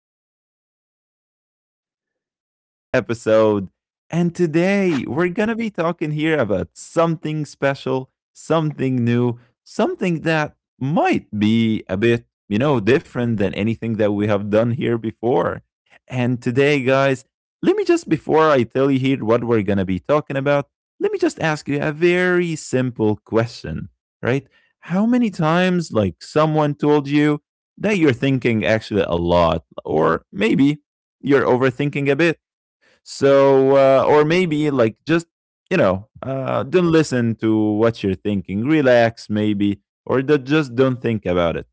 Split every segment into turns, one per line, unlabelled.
Youssef. I'm here back on again in a new episode. And today we're going to be talking here about something special, something new, something that might be a bit, different than anything that we have done here before. And today, guys, let me just, before I tell you here what we're going to be talking about, let me just ask you a very simple question, right? How many times like someone told you that you're thinking actually a lot, or maybe you're overthinking a bit, or maybe like just don't listen to what you're thinking, relax maybe, or just don't think about it.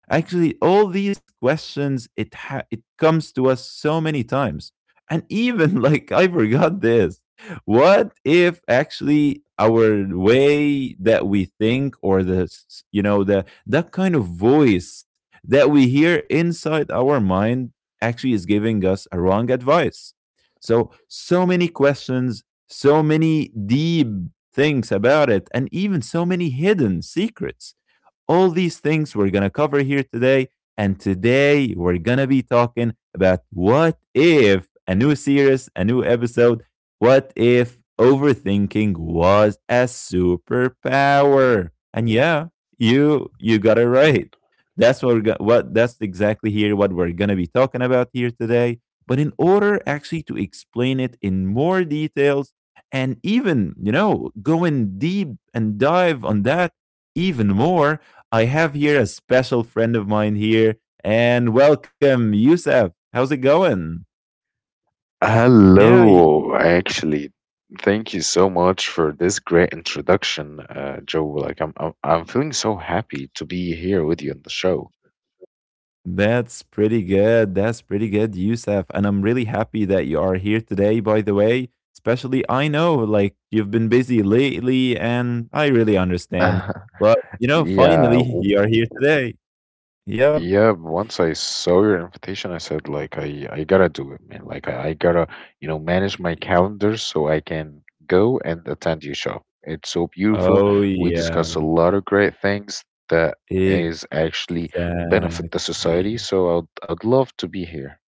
Actually, all these questions it comes to us so many times, and even like I forgot this. What if actually our way that we think or the s- s- you know the that kind of voice that we hear inside our mind actually is giving us a wrong advice? So, so many questions, so many deep things about it, and even so many hidden secrets, all these things we're going to cover here today. And today we're going to be talking about — what if, a new series, a new episode, what if overthinking was a superpower? And yeah, you got it right. That's exactly here what we're going to be talking about here today. But in order actually to explain it in more details and even, you know, go in deep and dive on that even more, I have here a special friend of mine here, and welcome, Yusef. How's it going? Yeah, y-
Hello, actually, thank you so much for this great introduction, Joe. Like, I'm feeling so happy to be here with you on the show.
that's pretty good. That's pretty good, Yusef. And I'm really happy that you are here today, by the way. Especially, I know, like, you've been busy lately, and I really understand.
yeah,
But, you know, finally,
w-
you are here today. Yep.
yeah. Once I saw your invitation, I said, like, I gotta do it, man. Like, I gotta, manage my calendar so I can go and attend your show. It's so beautiful.
Oh,
We discuss a
yeah.
lot of great things that is actually benefit the society.
Exactly.
So I'd love to be here.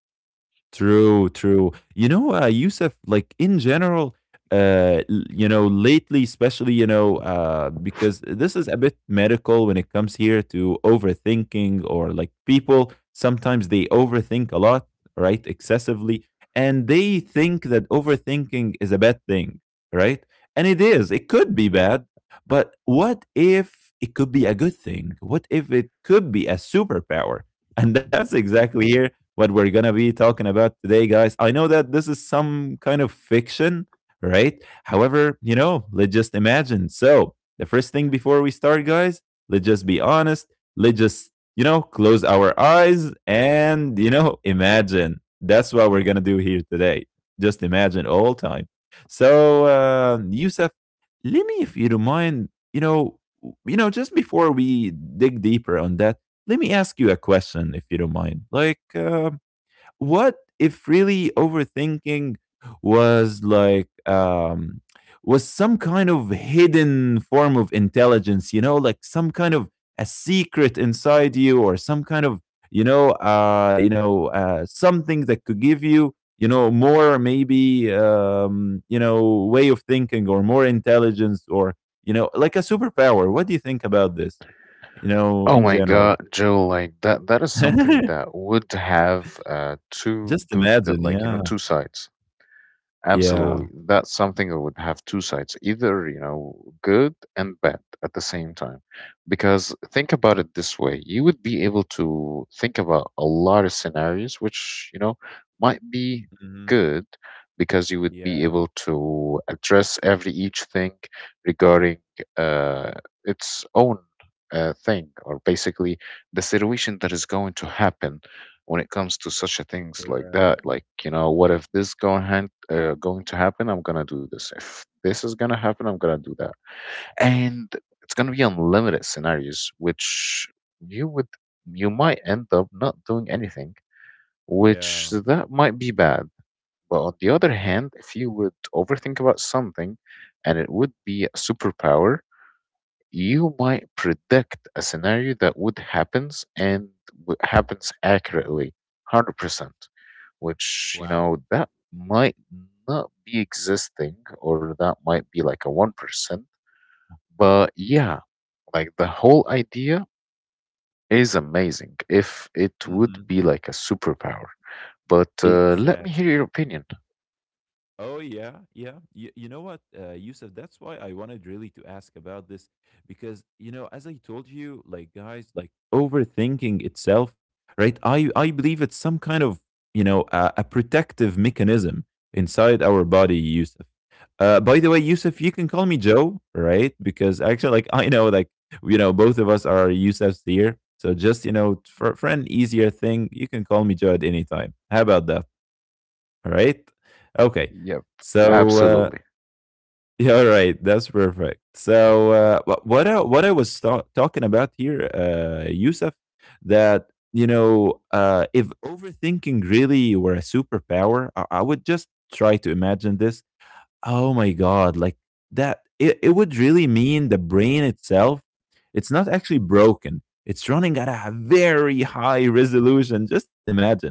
True, true. You know, Yusuf, like in general, you know, lately, especially, you know, because this is a bit medical when it comes here to overthinking, or like people, sometimes they overthink a lot, right? Excessively. And they think that overthinking is a bad thing, right? And it could be bad. But what if it could be a good thing? What if it could be a superpower? And that's exactly here what we're going to be talking about today, guys. I know that this is some kind of fiction, right? However, you know, let's just imagine. So, the first thing before we start, guys, let's just be honest. Let's just, you know, close our eyes and, you know, imagine. That's what we're going to do here today. Just imagine all time. So, Yusuf, let me, if you don't mind, you know, just before we dig deeper on that, let me ask you a question if you don't mind. Like, what if really overthinking was like um, was some kind of hidden form of intelligence? You know, like some kind of a secret inside you, or some kind of, something that could give you you know more maybe, you know, way of thinking or more intelligence or, you know, like a superpower. What do you think about this? You know,
Oh
in
my
general.
God, Joe, like that is something that would have
Just
two good
imagine,
like
yeah.
you know two sides.
Yeah.
Absolutely. That's something that would have two sides, either, you know, good and bad at the same time. Because think about it this way, you would be able to think about a lot of scenarios which, you know, might be
Mhm.
good because you would be
Yeah,
able to address every each thing regarding uh, its own thing or basically the situation that is going to happen when it comes to such a things like
correct.
that, like, you know, what if this going to happen, I'm gonna do this. If this is gonna happen, I'm gonna do that. And it's gonna be unlimited scenarios which you would you might end up not doing anything, which
Yeah.
that might be bad. But on the other hand, if you would overthink about something and it would be a superpower, you might predict a scenario that would happens accurately 100%, which, you
Wow.
know, that might not be existing, or that might be like a 1%. But yeah, like the whole idea is amazing if it would
Mhm.
be like a superpower. But let me hear
Exactly.
your opinion.
Oh yeah, yeah. You know what, Yusuf? That's why I wanted really to ask about this, because, you know, as I told you, like guys, like overthinking itself, right? I believe it's some kind of, you know, a protective mechanism inside our body, Yusuf. By the way, Yusuf, you can call me Joe, right? Because actually, like I know, like, you know, both of us are Yusufs here. So just, you know, for an easier thing, you can call me Joe at any time. How about that? All right. Okay.
Yep.
So
Absolutely.
yeah, all right. That's perfect. So what I was talking about here, Yusuf, that, you know, if overthinking really were a superpower, I would just try to imagine this. Oh my god, like that it would really mean the brain itself, it's not actually broken. It's running at a very high resolution. Just imagine.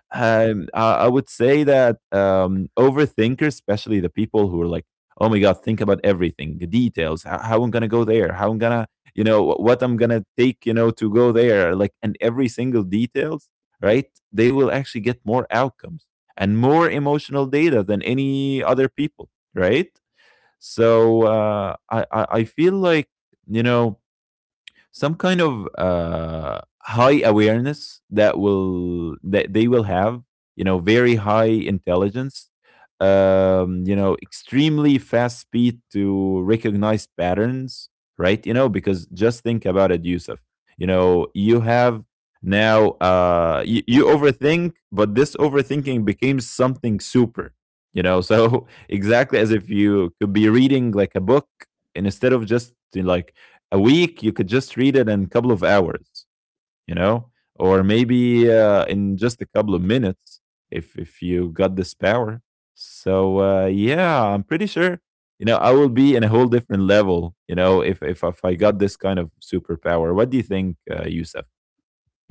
I would say that, overthinkers, especially the people who are like, "Oh my god, think about everything, the details, how I'm gonna go there, how I'm gonna, you know, wh- what I'm gonna take, you know, to go there, like, and every single details, right?" They will actually get more outcomes and more emotional data than any other people, right? So I feel like, you know, some kind of, high awareness that will that they will have, you know, very high intelligence, you know, extremely fast speed to recognize patterns, right? You know, because just think about it, Yusuf. You know, you have now, you overthink, but this overthinking became something super, you know. So exactly as if you could be reading like a book, and instead of just like a week, you could just read it in a couple of hours, you know, or maybe, in just a couple of minutes if you got this power. So yeah, I'm pretty sure, you know, I will be in a whole different level, you know, if I got this kind of superpower. What do you think, Yusuf,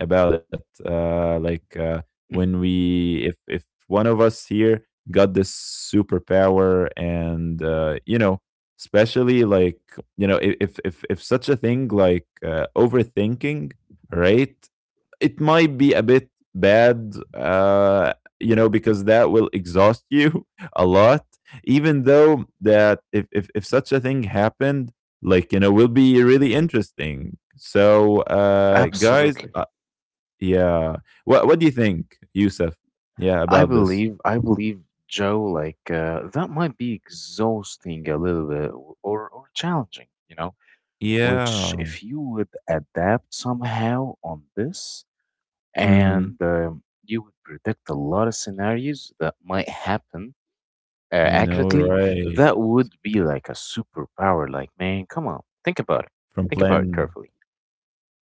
about it? Like, if one of us here got this superpower, and, you know, especially like, you know, if such a thing like, overthinking, right? It might be a bit bad, you know, because that will exhaust you a lot. Even though, that if such a thing happened, like, you know, will be really interesting, so guys
Absolutely.
yeah. What do you think, Yusuf? Yeah, about this.
I believe, Joe, like that might be exhausting a little bit, or challenging, you know, which
Yeah.
if you would adapt somehow on this
Mm-hmm.
and you would predict a lot of scenarios that might happen
You know,
accurately,
right.
that would be like a superpower. Like, man, come on, think about it.
From
Think about it
plan,
carefully.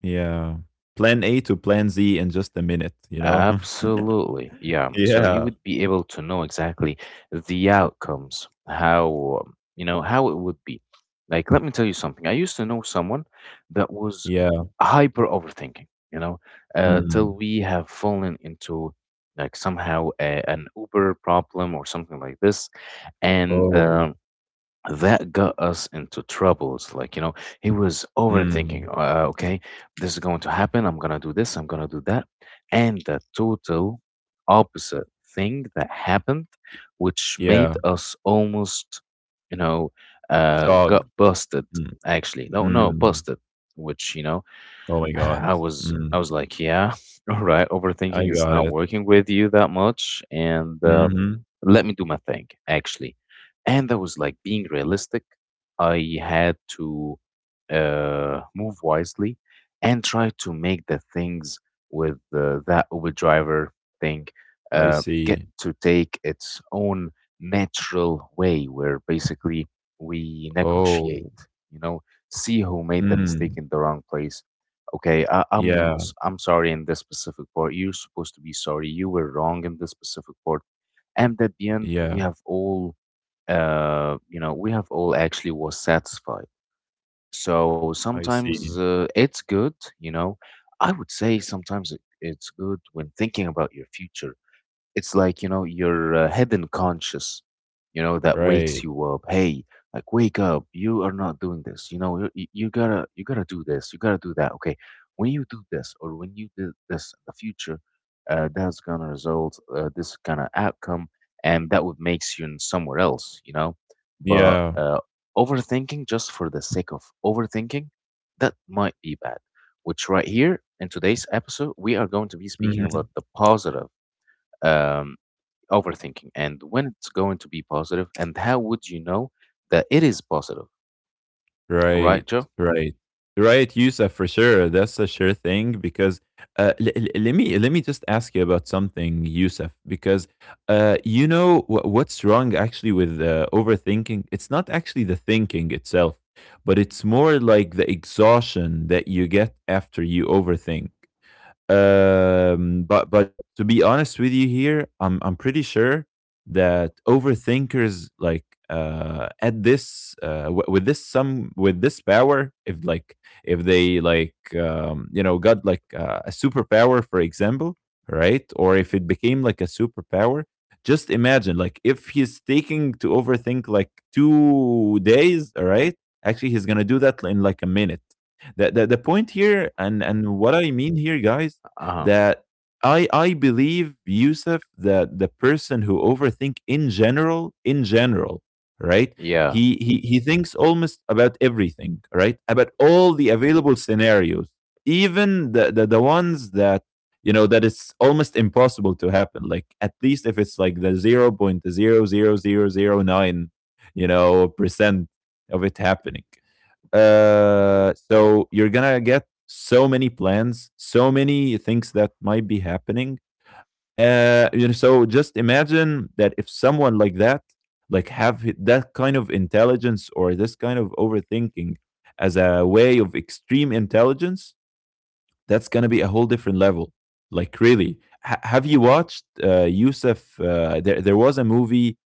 yeah, plan A to plan Z in just a minute. You know.
Absolutely. Yeah. So
yeah.
you would be able to know exactly the outcomes, how, you know, how it would be. Like, let me tell you something. I used to know someone that was
Yeah.
hyper overthinking, you know, till
Mm.
we have fallen into like somehow an Uber problem or something like this. And,
Oh.
that got us into troubles. Like, you know, he was overthinking,
Mm.
okay, this is going to happen. I'm going to do this. I'm going to do that. And the total opposite thing that happened,
Y-
which made
Yeah.
us almost, you know,
Shock.
got busted,
Mm.
actually. No, no,
Mm.
busted, which, you know,
Oh my God. Mm.
I was like, yeah, all right,
I
overthinking is
got
not
it.
working with you that much, and
Mm-hmm.
let me do my thing actually. And I was like being realistic. I had to move wisely and try to make the things with that Uber driver thing
I
get
see.
to take its own natural way, where basically we
Oh.
negotiate. You know, see who made the mistake
Mm.
in the wrong place. Okay, I, i'm
Yeah.
s- i'm sorry. In this specific part, you're supposed to be sorry. You were wrong in this specific part. And at the end,
Yeah.
we have all actually was satisfied. So
I
sometimes
see.
it's good, you know. I would say sometimes it's good when thinking about your future. It's like, you know, your hidden conscious, you know, that wakes
Right.
you up. Hey, like wake up. You are not doing this. You know, you gotta do this. You gotta do that. Okay. When you do this, or when you do this in the future, that's gonna result this kind of outcome, and that would makes you in somewhere else. You know, but
Yeah.
overthinking just for the sake of overthinking, that might be bad, which right here in today's episode we are going to be speaking
Mhm.
about the positive um, overthinking and when it's going to be positive and how would you know that it is positive, right,
Right,
Joe?
right, right, Yousef, for sure. That's a sure thing, because let me just ask you about something, Yousef, because, you know, what's wrong actually with, overthinking. It's not actually the thinking itself, but it's more like the exhaustion that you get after you overthink. But to be honest with you here, I'm pretty sure that overthinkers, like, at this w- with this some with this power, if like, if they like, you know, got like, a superpower for example, right, or if it became like a superpower, just imagine like if he's taking to overthink like 2 days, all right, actually he's gonna do that in like a minute. The point here, and what I mean here, guys,
Uh-huh.
that I believe, Yusuf, that the person who overthink in general, right,
Yeah.
he thinks almost about everything, right, about all the available scenarios, even the ones that, you know, that it's almost impossible to happen, like at least if it's like the 0.0000 0.00009, you know, percent of it happening. So you're gonna get so many plans, so many things that might be happening. You know, so just imagine that if someone like that, like that kind of intelligence or this kind of overthinking as a way of extreme intelligence, that's gonna be a whole different level. Like, really, have you watched, Yusuf? There was a movie,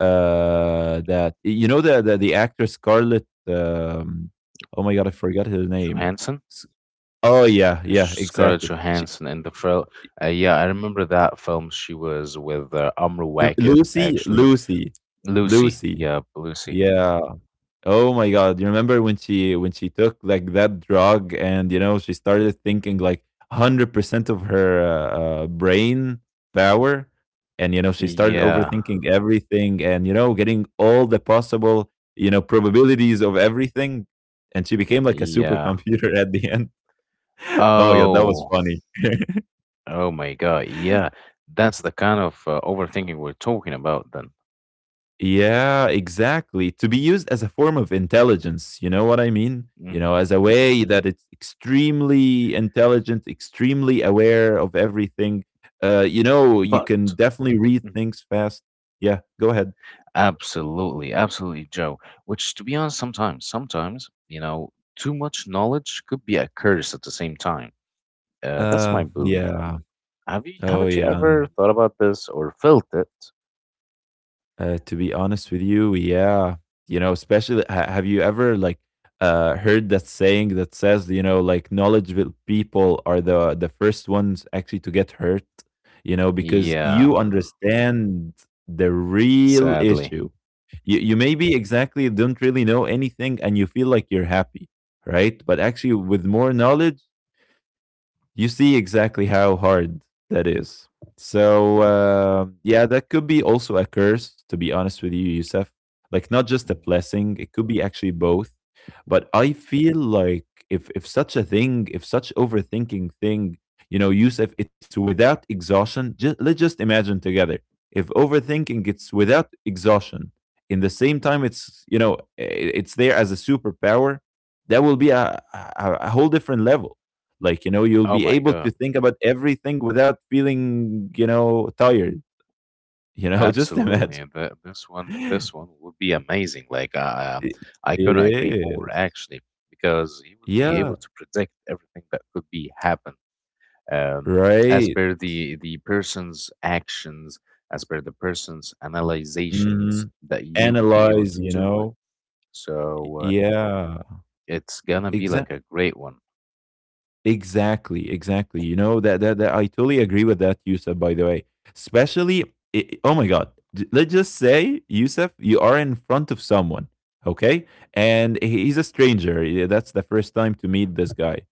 that, you know, the actor Scarlett. Oh my god, I forgot her name.
Johansson.
S- Oh yeah, yeah,
Scarlett
exactly.
Johansson in the film. Yeah, I remember that film. She was with Amra Wackett,
Lucy,
actually.
Lucy,
Lucy,
Lucy.
yeah, Lucy.
Yeah, oh my god! You remember when she took like that drug, and, you know, she started thinking like 100% of her, brain power, and, you know, she started
Yeah.
overthinking everything, and, you know, getting all the possible, you know, probabilities of everything, and she became like a
Yeah.
supercomputer at the end. Oh yeah, that was
Oh.
funny.
Oh my god, yeah. That's the kind of overthinking we're talking about then.
Yeah, exactly. To be used as a form of intelligence, you know what I mean? You know,
Hmm.
as a way that it's extremely intelligent, extremely aware of everything. You know, you
But
can definitely read
mm-hmm.
things fast. Yeah, go ahead.
Absolutely, absolutely, Joe. Which, to be honest, sometimes, sometimes, you know, too much knowledge could be a curse at the same time. That's my belief.
Yeah.
Have you,
Oh,
haven't you
yeah.
ever thought about this or felt it?
To be honest with you, yeah. You know, especially have you ever like heard that saying that says, you know, like knowledgeable people are the first ones actually to get hurt, you know, because you
Yeah,
understand the real
sadly.
issue. You maybe exactly don't really know anything and you feel like you're happy, right? But actually with more knowledge you see exactly how hard that is. So yeah, that could be also a curse. To be honest with you, Youssef, like not just a
Hmm.
blessing, it could be actually both. But I feel like if such a thing, if such overthinking thing, you know, Youssef, it's without exhaustion. Just, let's just imagine together. If overthinking it's without exhaustion, in the same time, it's you know, it's there as a superpower. That will be a whole different level like you know you'll
Oh
be
my
able
God.
to think about everything without feeling tired you know just
Absolutely. And
imagine
that this one, this one would be amazing. Like
it,
I
it
couldn't agree more
is.
actually, because he would be able
Yeah,
to predict everything that could be happen, um, as
right.
per the person's actions, as per the person's
Hmm,
analyzations that you would be able
analyze
to
you
do it.
know,
So
yeah,
it's gonna be like
exactly.
a great one.
Exactly. You know that I totally agree with that, Yusuf. By the way, especially oh my god, let's just say Yusuf, you are in front of someone, okay, and he's a stranger. Yeah, that's the first time to meet this guy,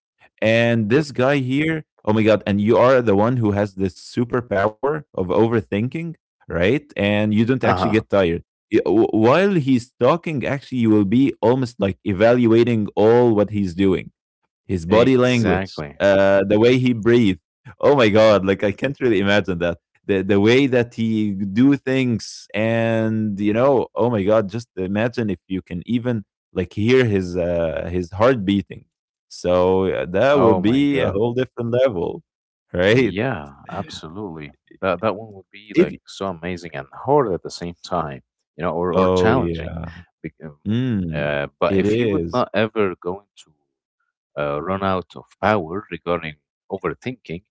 and
Yep.
this guy here, oh my god, and you are the one who has this superpower of overthinking, right? And you don't actually
Uh-huh.
get tired. While he's talking, actually, you will be almost like evaluating all what he's doing, his body language,
Exactly.
the way he breathed. Oh my god!
Hmm.
Like I can't really imagine that. The way that he do things, and you know, oh my god! Just imagine if you can even like hear his heart beating. So that will
Oh my
be a
God.
whole different level, right?
Yeah, absolutely. That one would be
If
like so amazing and hard at the same time, you know, or
oh
challenging.
yeah,
Bec- um,
mm,
But
it
if you would
is.
not ever going to run out of power regarding overthinking,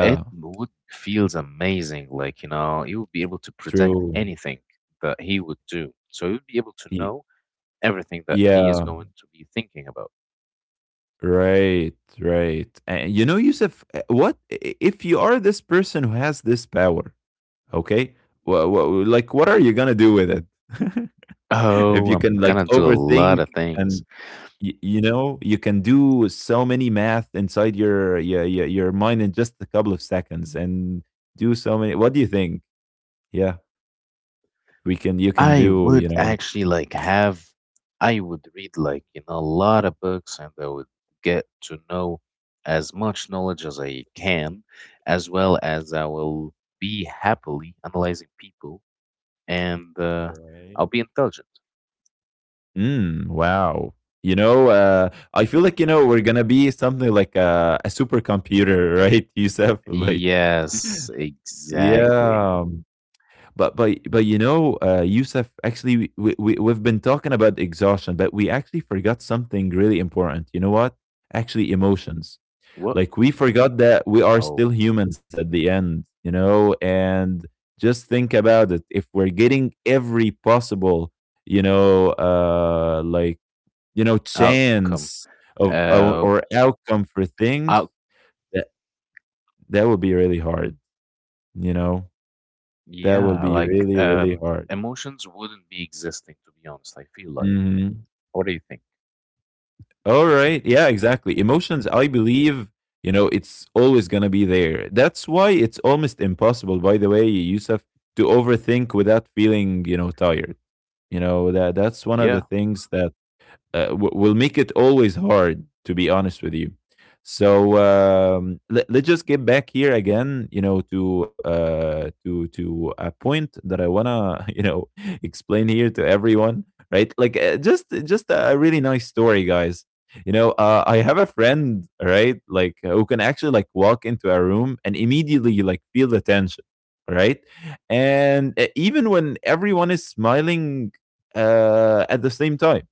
it would feels amazing. Like, you know, you would be able to predict
true.
anything that he would do. So you'd be able to
Y-
know everything that he is
Yeah.
going to be thinking about.
Right, right. And you know, Yusuf, what if you are this person who has this power? Okay, well, like, what are you gonna do with it? If
Oh,
you can
I'm
like
gonna do a lot
overthink
of things.
and you know you can do so many math inside your mind in just a couple of seconds and do so many. What do you think? Yeah, we can. You can
I
do. You
would
know.
actually like have, I would read, like, you know, a lot of books and I would get to know as much knowledge as I can, as well as I will be happily analyzing people, and
All
I'll
right.
be intelligent.
Mm, wow. You know, I feel like you know we're gonna be something like a supercomputer, right, Yusuf? Like,
Yes, exactly.
yeah. But you know, Yusuf, actually, we've been talking about exhaustion, but we actually forgot something really important. You know what? Actually, emotions.
What?
Like we forgot that we are still
Oh,
humans at the end. You know, and just think about it. If we're getting every possible you know, like you know,
outcome.
chance of
Uh,
or outcome for
out.
things, that that would be really hard, you know? That
Yeah,
would be
like
really, really hard.
emotions wouldn't be existing, to be honest. I feel like.
Mhm.
What do you think?
Alright, yeah, exactly. Emotions, I believe, you know, it's always gonna be there. That's why it's almost impossible, by the way, Yusuf, to overthink without feeling, you know, tired. You know, that's one of the
Yeah,
things that will make it always hard to be honest with you. So let, let's just get back here again you know to a point that I want to you know explain here to everyone, right, like just a really nice story guys. You know, I have a friend, right, like who can actually like walk into a room and immediately like feel the tension, right, and even when everyone is smiling, at the same time.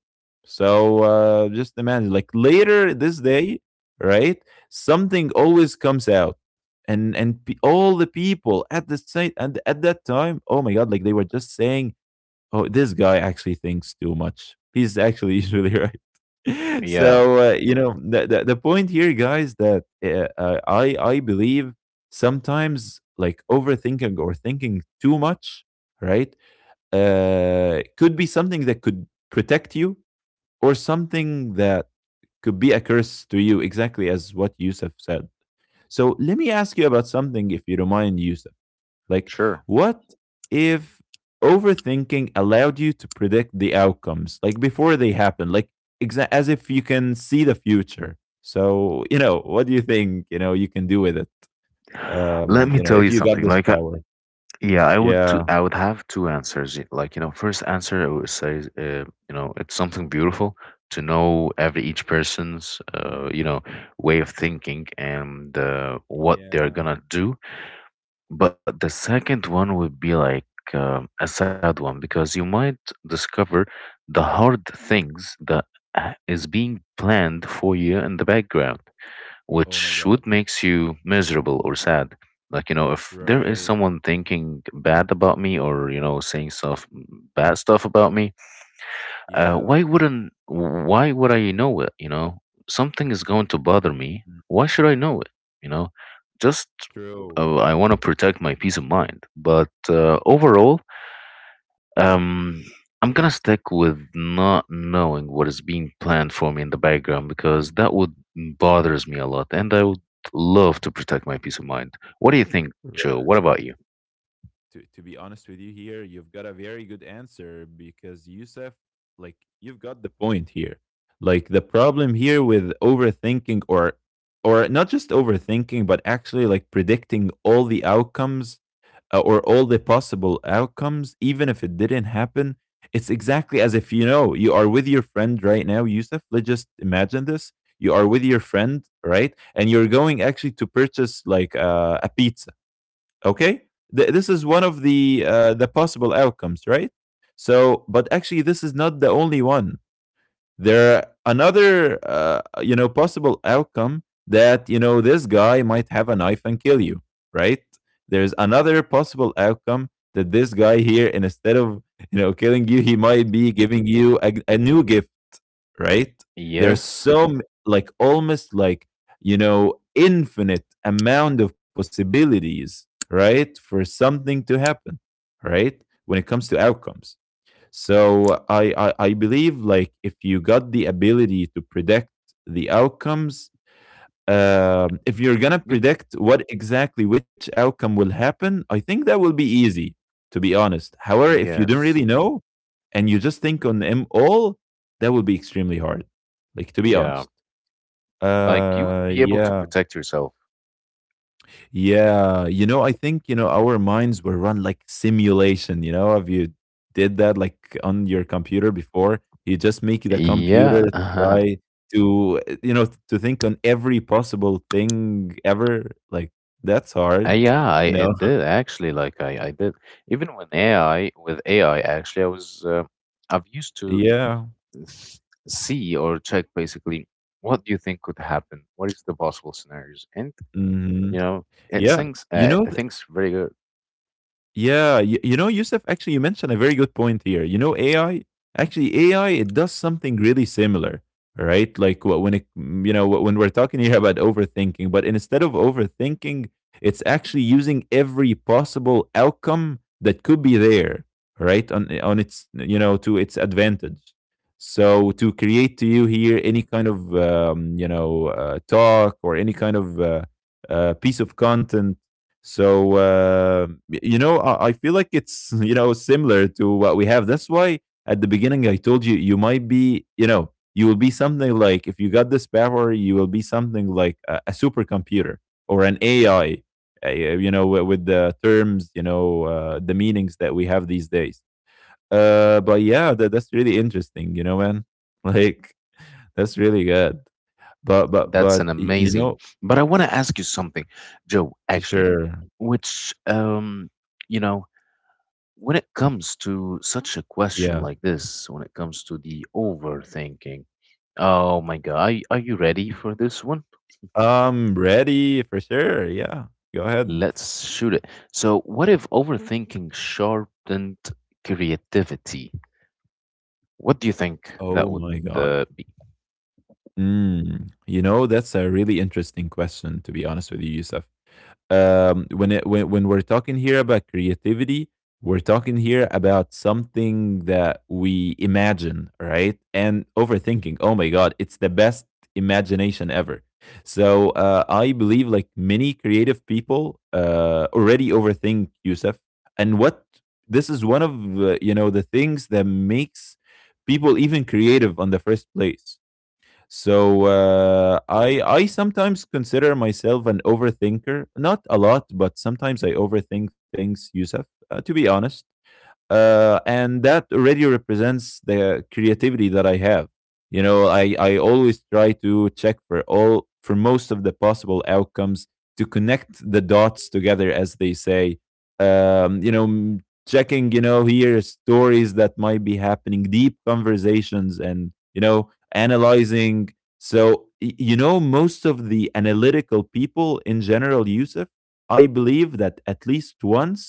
So just imagine, like later this day, right? Something always comes out, and all the people at the site and at that time, oh my god, like they were just saying, oh, this guy actually thinks too much. He's actually usually right.
yeah,
So you know the point here, guys, that I believe sometimes like overthinking or thinking too much, right? Could be something that could protect you or something that could be a curse to you, exactly as what Yusuf said. So let me ask you about something, if you don't mind, Yusuf. Like,
sure.
what if overthinking allowed you to predict the outcomes, like before they happen, like as if you can see the future? So, you know, what do you think, you know, you can do with it?
Let me
You know,
tell
if
you
you got
something.
this
Like,
power.
yeah,
Yeah.
I would have two answers. Like, you know, first answer I would say, you know, it's something beautiful to know every each person's, you know, way of thinking and what they're
Yeah.
gonna do. But the second one would be like a sad one, because you might discover the hard things that is being planned for you in the background,
Oh my
which
God.
would makes you miserable or sad. Like, you know, if there is
Right.
someone thinking bad about me, or you know saying bad stuff about me,
Yeah.
why wouldn't why would I know it? You know, something is going to bother me.
Mm.
Why should I know it? You know, just
True.
I want to protect my peace of mind. But overall, um I'm gonna stick with not knowing what is being planned for me in the background, because that would
Mm.
bothers me a lot, and I would love to protect my peace of mind. What do you think, Joe? What
Right.
about you?
To be honest with you here, you've got a very good answer because Yusuf, like you've got the point here. Like the problem here with overthinking or not just overthinking, but actually like predicting all the outcomes or all the possible outcomes, even if it didn't happen. It's exactly as if you know you are with your friend right now, Yusuf. Let's just imagine this: you are with your friend, right? And you're going actually to purchase like a pizza, okay. This is one of the possible outcomes, right, so but actually this is not the only one. There are another you know possible outcome that you know this guy might have a knife and kill you, right. There's another possible outcome that this guy here and instead of you know killing you he might be giving you a new gift, right? There's
Yes.
so like almost like you know infinite amount of possibilities, right, for something to happen, right? When it comes to outcomes. So I believe like if you got the ability to predict the outcomes, if you're gonna
Good.
predict what exactly which outcome will happen, I think that will be easy, to be honest. However, if you don't
Yes.
really know and you just think on them all, that will be extremely hard. Like to be
Yeah.
honest.
Like, you would be able to
Yeah.
protect yourself.
Yeah, you know, I think, you know, our minds were run like simulation, you know. Have you did that like on your computer before? You just make the
Yeah.
computer try to, you know, to think on every possible thing ever. Like that's hard,
Yeah, I
you know.
it did actually. Like I did. Even when AI, with AI, actually, I was, I've used to
Yeah.
s- see or check basically, what do you think could happen? What is the possible scenarios? And
Hmm.
you know,
Yeah. You know,
it thinks very good.
yeah, you know, Yusuf, actually, you mentioned a very good point here. You know, AI, actually, AI, it does something really similar, right? Like when it, mm, you know, when we're talking here about overthinking, but instead of overthinking, it's actually using every possible outcome that could be there, right? On its, you know, to its advantage. So to create to you here any kind of, you know, talk or any kind of piece of content. So you know, I feel like it's you know similar to what we have. That's why at the beginning I told you you might be you know you will be something like if you got this power you will be something like a supercomputer or an AI. You know, with the terms, you know, the meanings that we have these days. But yeah, that's really interesting. You know, man, like that's really good. But but
That's
but
an
y- you
amazing.
know,
But I want to ask you something, Joe. Actually,
sure,
which you know, when it comes to such a question
yeah.
like this, when it comes to the overthinking, oh my God, are you ready for this one?
I'm ready for sure. Yeah, go ahead.
Let's shoot it. So, what if overthinking sharpened creativity? What do you think that
Oh
would
my god.
be?
Mm. You know, that's a really interesting question, to be honest with you, Yusuf. Um, when it when we're talking here about creativity we're talking here about something that we imagine, right, and overthinking oh my god it's the best imagination ever. So I believe like many creative people already overthink Yusuf. And what this is one of you know the things that makes people even creative on the first place. So I sometimes consider myself an overthinker. Not a lot, but sometimes I overthink things, Yusuf. To be honest, and that already represents the creativity that I have. You know, I always try to check for all for most of the possible outcomes to connect the dots together, as they say. You know, checking you know here stories that might be happening, deep conversations, and you know analyzing. So you know, most of the analytical people in general, Yusuf, I believe that at least once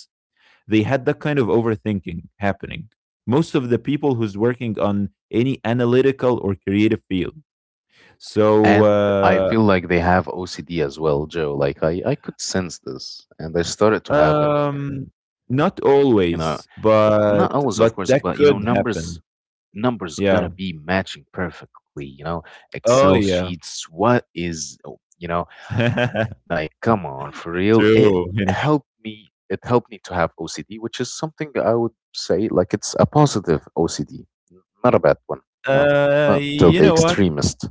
they had that kind of overthinking happening. Most of the people who's working on any analytical or creative field.
And I
So
feel like they have OCD as well, Joe. Like I could sense this, and I started to have it.
uh, um, not
You know,
always,
not always, of
but
course,
that
but you know,
could happen.
numbers gotta
Yeah.
be matching perfectly, you know,
Oh
excel
yeah.
sheets, what is oh, you know, like, come on, for real. It
True. You know.
helped me. It helped me to have OCD, which is something I would say like it's a positive OCD, not a bad one. You know, not till
You
the
know what?
extremist.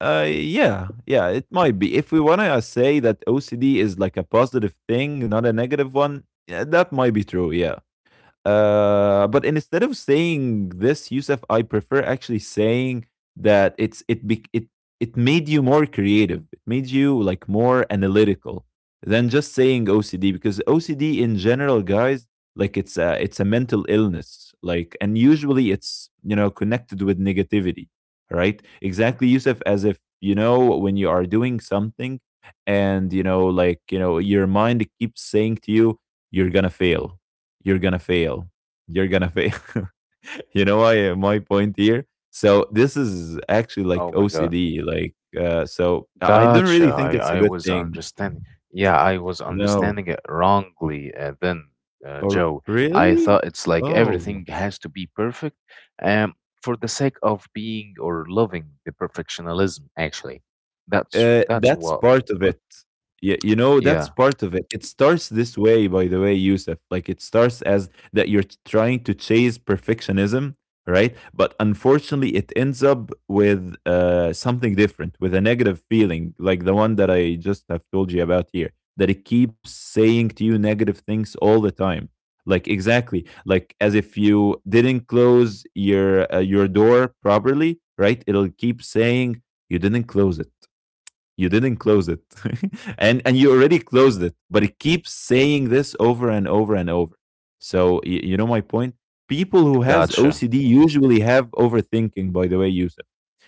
Yeah, yeah, it might be. If we want to say that OCD is like a positive thing, not a negative one, yeah, that might be true. Yeah. But instead of saying this, Yusuf, I prefer actually saying that it it made you more creative. It made you like more analytical than just saying OCD because OCD in general, guys, like it's a mental illness. Like and usually it's connected with negativity, right? Exactly, Yusuf, as if when you are doing something and you know like you know your mind keeps saying to you, you're gonna fail. You're gonna fail. You're gonna fail. You know why my point here? So this is actually like
Oh my god.
OCD. Like so, I don't
Gotcha.
really think it's a
I
good
was
thing.
understanding. Yeah, I was
No.
understanding it wrongly then,
Or
Joe. I
really?
thought it's like
Oh.
everything has to be perfect, um, for the sake of being or loving the perfectionism. Actually, that's
That's
what.
part of it. Yeah, that's
Yeah.
part of it. It starts this way, by the way, Yusuf. Like it starts as that you're trying to chase perfectionism, right? But unfortunately, it ends up with something different, with a negative feeling, like the one that I just have told you about here, that it keeps saying to you negative things all the time. Like exactly, like as if you didn't close your door properly, right? It'll keep saying, you didn't close it. You didn't close it. And you already closed it, but it keeps saying this over and over and over. So you know my point, people who has
Gotcha.
OCD usually have overthinking, by the way, Yusuf.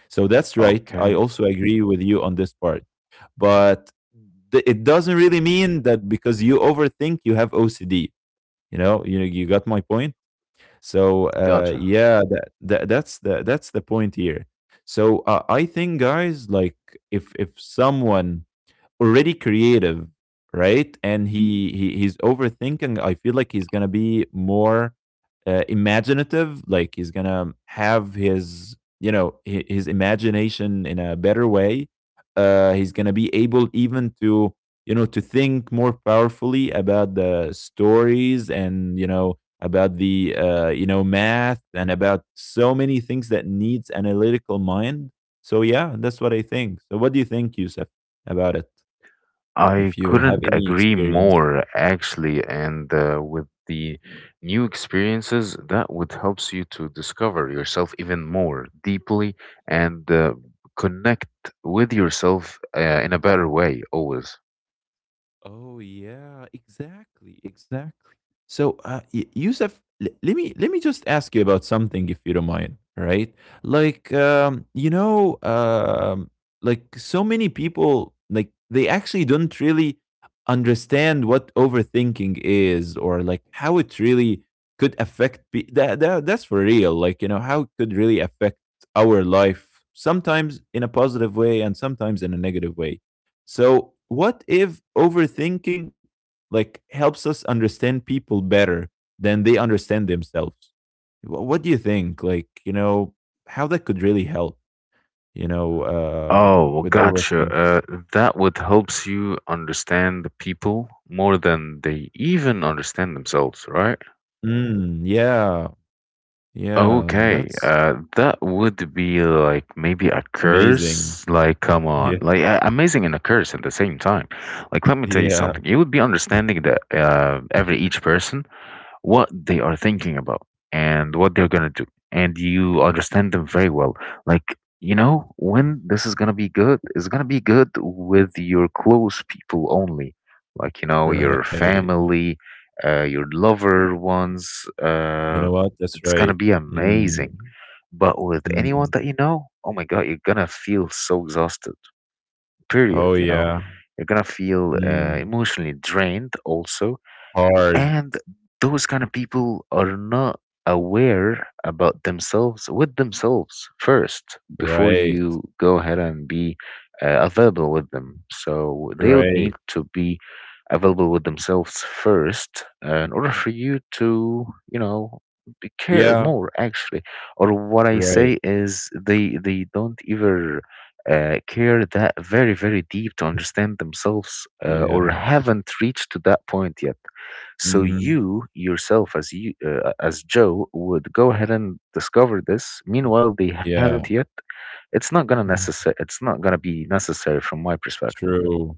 So that's right. I
Okay.
also agree with you on this part. But it doesn't really mean that because you overthink you have OCD. You got my point. So
Gotcha.
yeah, that's the point here. So I think, guys, like if someone already creative, right? And he's overthinking, I feel like he's gonna be more imaginative. Like he's gonna have his you know his imagination in a better way. He's gonna be able even to to think more powerfully about the stories, and about the math, and about so many things that needs analytical mind. So yeah, that's what I think. So what do you think, Yusuf, about it?
I
If you have
couldn't
any
agree
experience.
more, actually. And with the new experiences, that would helps you to discover yourself even more deeply, and connect with yourself in a better way, always.
Oh yeah, exactly, exactly. So, Yusuf, let me just ask you about something, if you don't mind, right? Like, like so many people, like they actually don't really understand what overthinking is, or like how it really could affect. That that's for real. Like, how it could really affect our life. Sometimes in a positive way, and sometimes in a negative way. So what if overthinking like helps us understand people better than they understand themselves? What do you think? Like, how that could really help,
Oh,
with
gotcha.
overthink.
That would helps you understand the people more than they even understand themselves, right?
Mm, yeah, yeah,
Okay,
that's
that would be like maybe a
amazing.
curse. Like, come
Yeah,
on, like amazing and a curse at the same time. Like, let me tell you
yeah,
something. You would be understanding that every each person what they are thinking about and what they're gonna do, and you understand them very well. Like you know, when this is gonna be good, it's gonna be good with your close people only, like you know your
right.
family, your lover ones.
You know
Uh,
what? That's
it's gonna
right.
be
Mm,
amazing. But with anyone
mm.
that you know, oh my god, you're gonna feel so exhausted. Period.
Oh
You know,
yeah.
you're gonna feel
Mm.
emotionally drained also,
Hard.
and those kind of people are not aware about themselves with themselves first before
Right.
you go ahead and be available with them, so they would need
Right.
to be available with themselves first in order for you to you know care
Yeah.
more actually, or what I
Right.
say is they don't even care that very very deep to understand themselves or
Yeah.
haven't reached to that point yet. So
Mhm.
you yourself, as you as Joe, would go ahead and discover this. Meanwhile, they
Yeah.
haven't yet.
Mhm.
It's not gonna be necessary from my perspective.
True.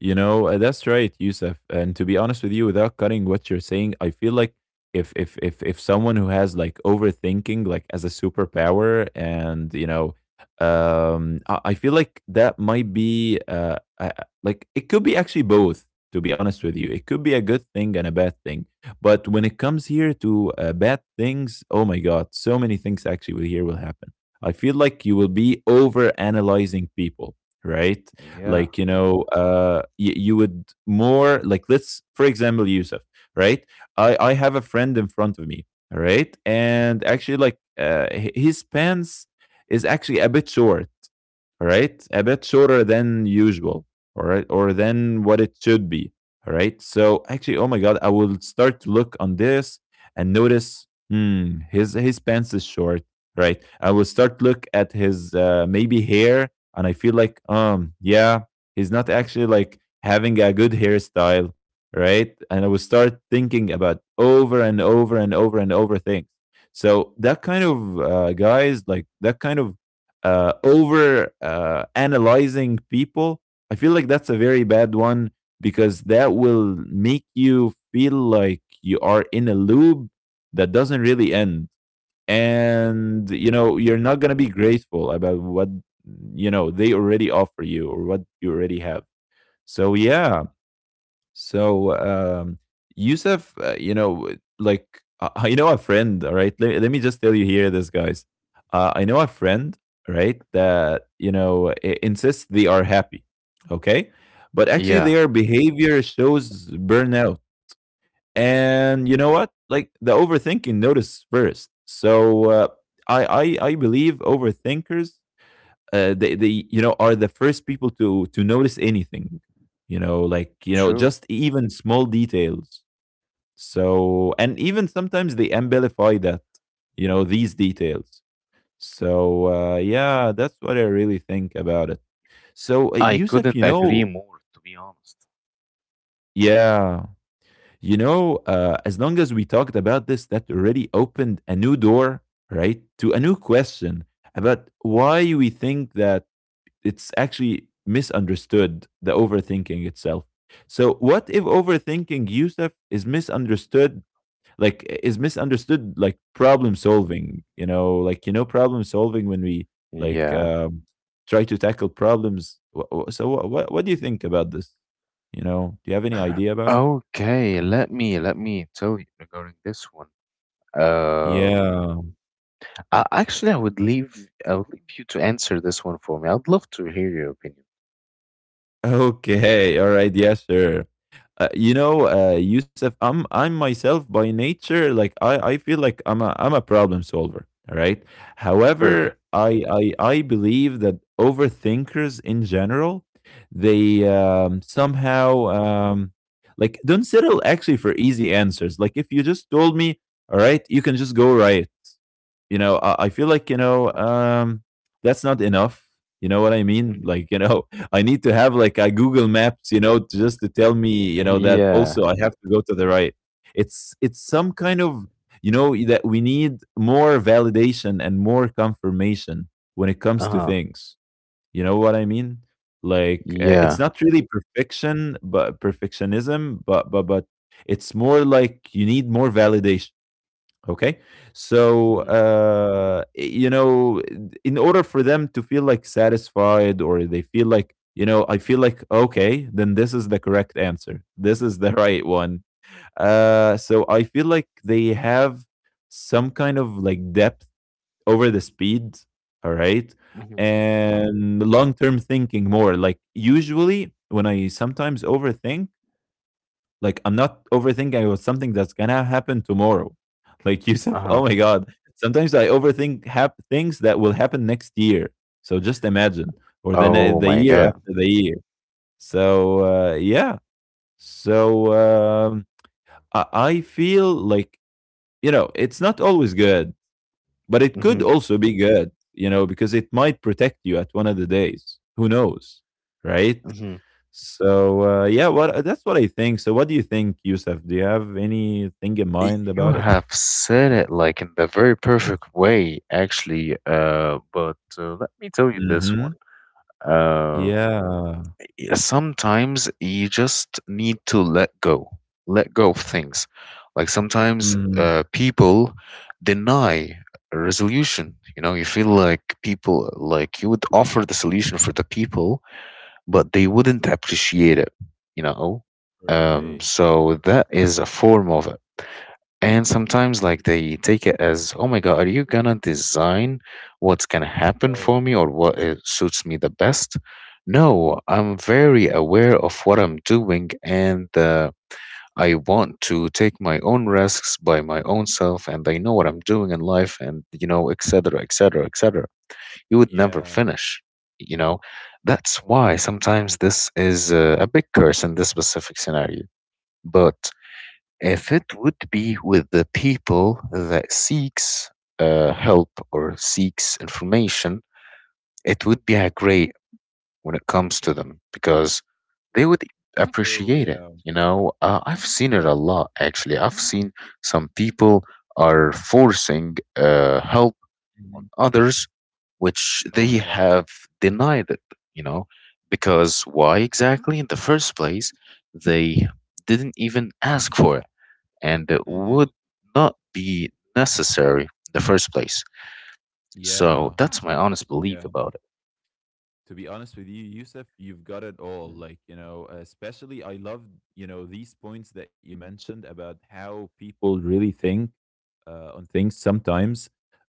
You know, that's right, Yusuf. And to be honest with you, without cutting what you're saying, I feel like if someone who has like overthinking like as a superpower, and I feel like that might be like, it could be actually both. To be honest with you, it could be a good thing and a bad thing. But when it comes here to bad things, oh my God, so many things actually will here will happen. I feel like you will be over analyzing people, right?
Yeah,
Like you would more like, let's, for example, Yusuf, right? I have a friend in front of me, all right? And actually, like his pants is actually a bit short, all right, a bit shorter than usual, all right, or than what it should be, all right. So actually, oh my God, I will start to look on this and notice, his pants is short, right? I will start to look at his, maybe, hair, and I feel like yeah, he's not actually like having a good hairstyle, right? And I will start thinking about over and over and over and over things. So that kind of, guys, like that kind of over analyzing people, I feel like that's a very bad one, because that will make you feel like you are in a loop that doesn't really end. And, you're not going to be grateful about what, they already offer you or what you already have. So, yeah. So, Yusuf, like, I know a friend, all right? Let me just tell you here this, guys. I know a friend, right, that, insists they are happy, okay? But actually,
yeah,
their behavior shows burnout. And you know what? Like, the overthinking notice first. So, I believe overthinkers they are the first people to notice anything,
true.
just even small details. So, and even sometimes they amplify that, these details. So yeah, that's what I really think about it. So
I
Yusuf.
couldn't agree more, to be honest.
Yeah. As long as we talked about this, that already opened a new door, right, to a new question about why we think that it's actually misunderstood, the overthinking itself. So what if overthinking, Yusuf, is misunderstood, like is misunderstood like problem solving? Problem solving when we like,
Yeah.
try to tackle problems. So what do you think about this? Do you have any idea about it?
Okay, let me tell you regarding this one. Um,
Yeah.
I would leave you to answer this one for me. I'd love to hear your opinion.
Okay, all right, yeah, sure. Yusuf, I'm myself by nature, like I feel like I'm a problem solver, all right?
Perfect.
However, I believe that overthinkers in general, they, somehow, like, don't settle actually for easy answers. Like if you just told me, all right, you can just go right, I feel like, that's not enough, you know what I mean?
Hmm.
Like I need to have like a Google Maps, to, just to tell me, that
Yeah.
also I have to go to the right. It's some kind of, that we need more validation and more confirmation when it comes to
Uh-huh.
things, you know what I mean? Like it's
Yeah.
not really perfection, but perfectionism, but it's more like you need more validation. Okay. So,
Hmm.
in order for them to feel like satisfied, or they feel like, I feel like, okay, then this is the correct answer. This is the right one. So I feel like they have some kind of like depth over the speed. All right.
Hmm.
And long term thinking more. Like, usually when I sometimes overthink, like I'm not overthinking about something that's gonna happen tomorrow. Like Yusuf, oh
Uh-huh.
my god, sometimes I overthink things that will happen next year. So just imagine, or the ne-
Oh
the
my
year
God.
after the year. So yeah. So I feel like, it's not always good, but it could
Hmm.
also be good. You know, because it might protect you at one of the days. Who knows, right?
Hmm.
So yeah, what that's what I think. So what do you think, Yusuf? Do you have anything in mind
You
about it?
have said it like in the very perfect way, actually. But let me tell you this one.
Mm-hmm.
Um.
Yeah.
Yeah, sometimes you just need to let go of things. Like sometimes
Hmm.
people deny a resolution. You know, you feel like people, like you would offer the solution for the people, but they wouldn't appreciate it, you know?
Right.
So that is a form of it. And sometimes, like, they take it as, oh my God, are you gonna design what's gonna happen for
Oh,
me or what suits me the best? No, I'm very aware of what I'm doing and I want to take my own risks by my own self, and I know what I'm doing in life and, you know, et cetera, et cetera, et cetera. You would never
yeah.
finish, you know? That's why sometimes this is a big curse in this specific scenario. But if it would be with the people that seeks help or seeks information, it would be a great when it comes to them, because they would
True.
appreciate it.
Yeah.
You know, I've seen it a
Correct.
lot actually. I've seen some people are forcing help on
Hmm.
others, which
Oh
they
my God.
have denied it. You know, because why exactly in the first place they didn't even ask for it, and it
Hmm.
would not be necessary in the first place. So
Yeah.
that's my honest belief
Yeah.
about it.
To be honest with you, Yusuf, you've got it all. Like especially I love these points that you mentioned about how people really think on things sometimes.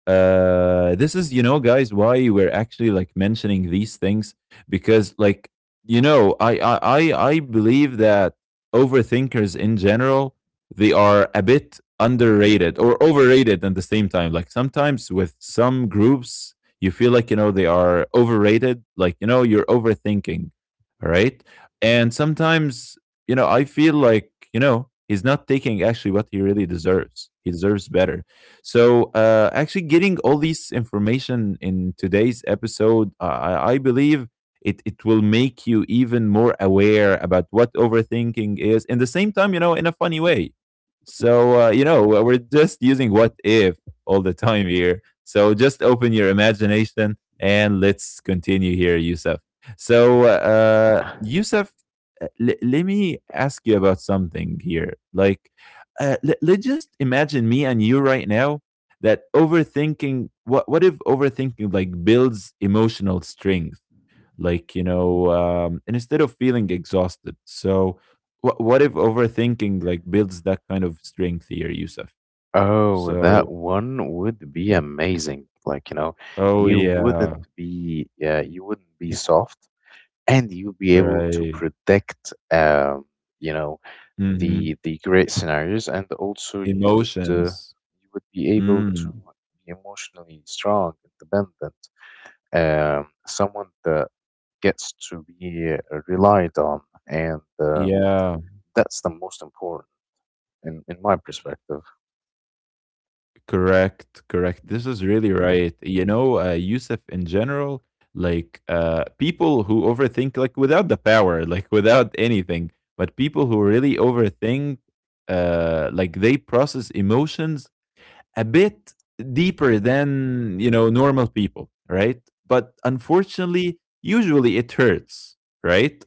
This is, guys, why we're actually like mentioning these things. Because like, I believe that overthinkers in general, they are a bit underrated or overrated at the same time. Like sometimes with some groups, you feel like they are overrated, like you're overthinking, all right. And sometimes, I feel like, he's not taking actually what he really deserves. He deserves better. So, actually, getting all this information in today's episode, I believe it will make you even more aware about what overthinking is. In the same time, in a funny way. So, we're just using what if all the time here. So, just open your imagination and let's continue here, Yusuf. So, Yusuf, let me ask you about something here. Like, let's just imagine me and you right now, that overthinking, what if overthinking like builds emotional strength, and instead of feeling exhausted. So what if overthinking like builds that kind of strength here, Yusuf?
Oh, that
So,
one would be amazing. Like, you know,
oh
you
yeah.
wouldn't be, yeah, you wouldn't be soft. And you'll be able to
Right.
predict you know
Hmm.
the great scenarios, and also you would
Emotions.
be able to
mm,
be emotionally strong, independent, someone that gets to be relied on, and
yeah.
that's the most important in my perspective.
Correct, correct.
Mm.
This is really right. You know, Yusuf, in general, like people who overthink, like without the power, like without anything, but people who really overthink, like they process emotions a bit deeper than, you know, normal people, right? But unfortunately usually it hurts, right?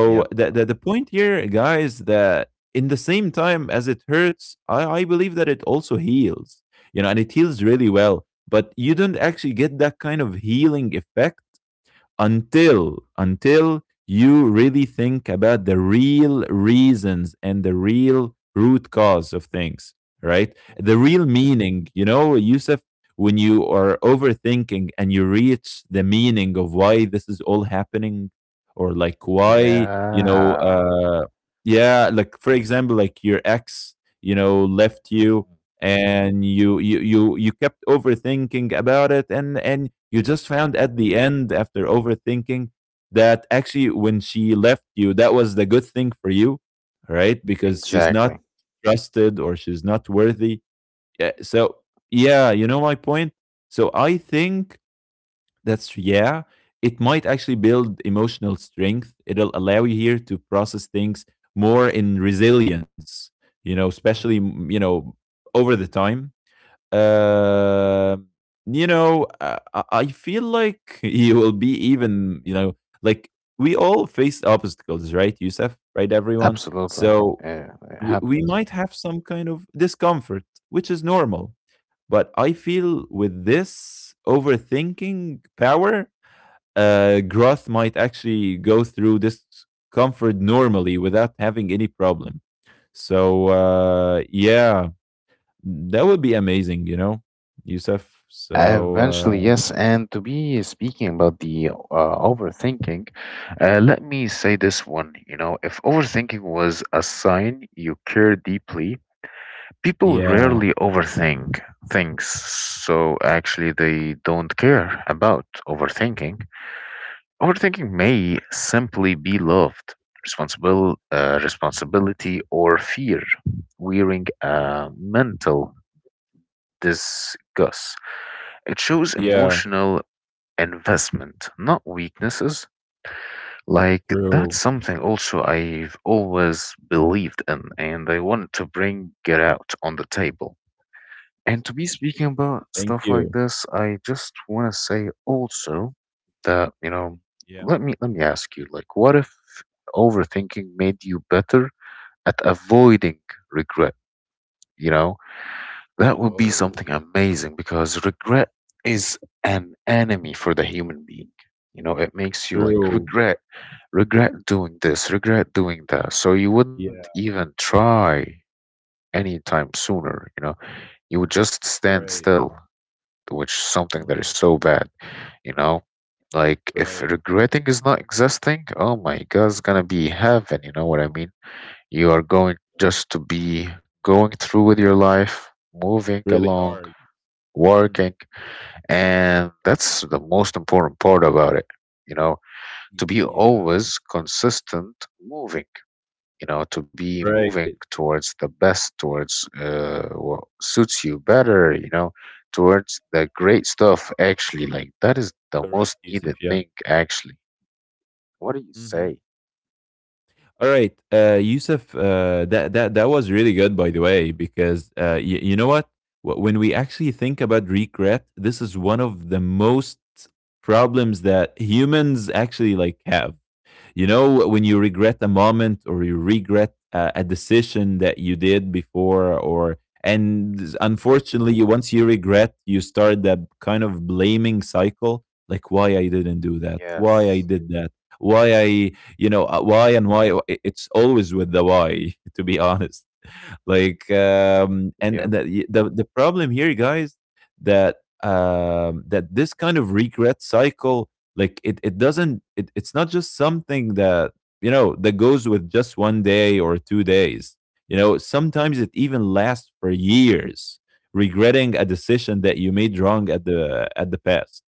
Yep.
the point here, guys, that in the same time as it hurts, I believe that it also heals, you know, and it heals really well. But you don't actually get that kind of healing effect until you really think about the real reasons and the real root cause of things, right?
Mhm.
The real meaning, you know, Yusuf? When you are overthinking and you reach the meaning of why this is all happening, or like why,
Yeah.
yeah, like for example, like your ex, you know, left you,
Mhm.
and you kept overthinking about it, and you just found at the end, after overthinking, that actually when she left you, that was the good thing for you, right? Because she's not
Exactly.
trusted, or she's not worthy. Yeah, so yeah, you know my point. So I think that's, yeah, it might actually build emotional strength. It'll allow you here to process things more in resilience, you know, especially
Mhm.
over the time. um, you know, I feel like you will be even, you know, like, we all face obstacles, right, Yusuf? Right, everyone?
Absolutely.
So,
Yeah, it
we might
happens.
have some kind of discomfort, which is normal. But I feel with this overthinking power, growth might actually go through this comfort normally without having any problem. So, yeah, that would be amazing, you know, Yusuf.
Eventually,
So,
yes. And to be speaking about the overthinking, let me say this one. You know, if overthinking was a sign you care deeply, people
yeah,
rarely overthink things. So actually, they don't care about overthinking. Overthinking may simply be loved, responsible, responsibility, or fear, wearing
yeah,
a mental disgust. It shows
yeah,
emotional investment, not weaknesses. Like,
true.
that's something also I've always believed in, and I wanted to bring it out on the table. And to be speaking about
Thank
stuff like
you.
this, I just want to say also that, you know,
Yeah.
let me ask you, like, what if overthinking made you better at avoiding regret, you know? That would be
Oh,
something amazing, because regret is an enemy for the human being. You know, it makes you like
true.
regret, regret doing this, regret doing that. So you wouldn't
Yeah,
even try anytime sooner, you know. You would just stand
great.
still, which is something that is
Mm,
so bad, you know. Like if
great.
regretting is not existing, oh my God, it's gonna be heaven, you know what I mean? You are going just to be going through with your life, moving
Really
along,
hard. Mm,
working, and that's the most important part about it. You know, to be
yeah.
always consistent, moving, you know, to be moving
Great.
towards the best, towards what suits you better, you know, towards the great stuff, actually. Like, that is the
Correct,
most
Yusuf.
needed
Yeah.
thing, actually. What do you
Mm-hmm.
say?
All right, Yusuf, that was really good, by the way, because, you know what? When we actually think about regret, this is one of the most problems that humans actually like have. You know, when you regret a moment, or you regret a decision that you did before, or — and unfortunately, you, once you regret, you start that kind of blaming cycle, like, why I didn't do that, why I
Yes.
did that, why I, why and
Mhm.
why. It's always with the why, to be honest. Like, and
Yep.
the problem here, guys, that that this kind of regret cycle, like, it doesn't it, it's not just something that, you know, that goes with just one day or two days. You know, sometimes it even lasts for years, regretting a decision that you made wrong at the past.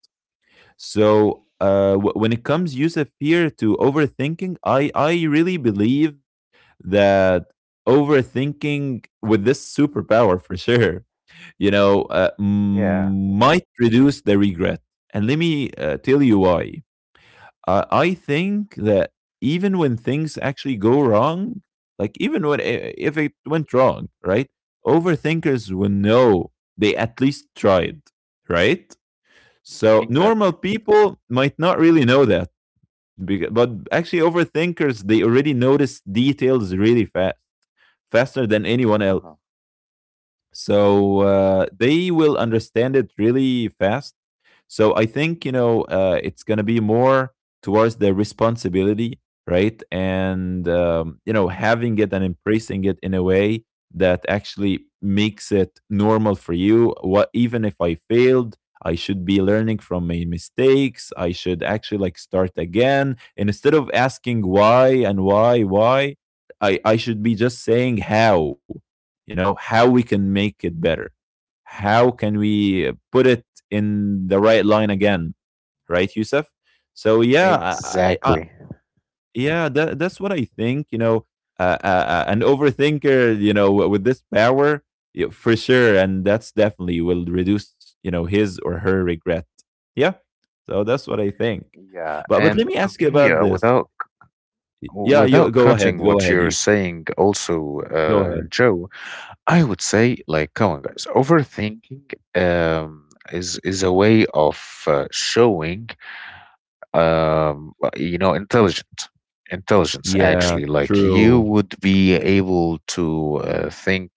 So when it comes, Yusuf, here to overthinking, I really believe that overthinking with this superpower, for sure, you know,
Yeah,
might reduce the regret. And let me tell you why. I think that even when things actually go wrong, like, even when if it went wrong, right, overthinkers will know they at least tried, right? So
exactly.
normal people might not really know that, but actually overthinkers, they already notice details really fast, faster than anyone else.
Uh-huh.
So they will understand it really fast. So I think, you know, it's going to be more towards their responsibility, right? And, you know, having it and embracing it in a way that actually makes it normal for you. What, even if I failed, I should be learning from my mistakes. I should actually like start again. And instead of asking why and why, why, I should be just saying how, you know, how we can make it better, how can we put it in the right line again, right, Youssef? So yeah,
Exactly.
yeah, that, that's what I think, you know. An overthinker, you know, with this power, for sure, and that's definitely will reduce, you know, his or her regret. Yeah. So that's what I think.
Yeah,
But,
and
let me
to
ask you
be
about this.
without c-
Yeah, you
Without
go ahead,
cutting
go
what
ahead,
you're
you
saying, also,
go ahead.
Joe, I would say, like, come on, guys, overthinking is a way of showing you know intelligent intelligence
Yeah,
actually, like you
true.
would be able to think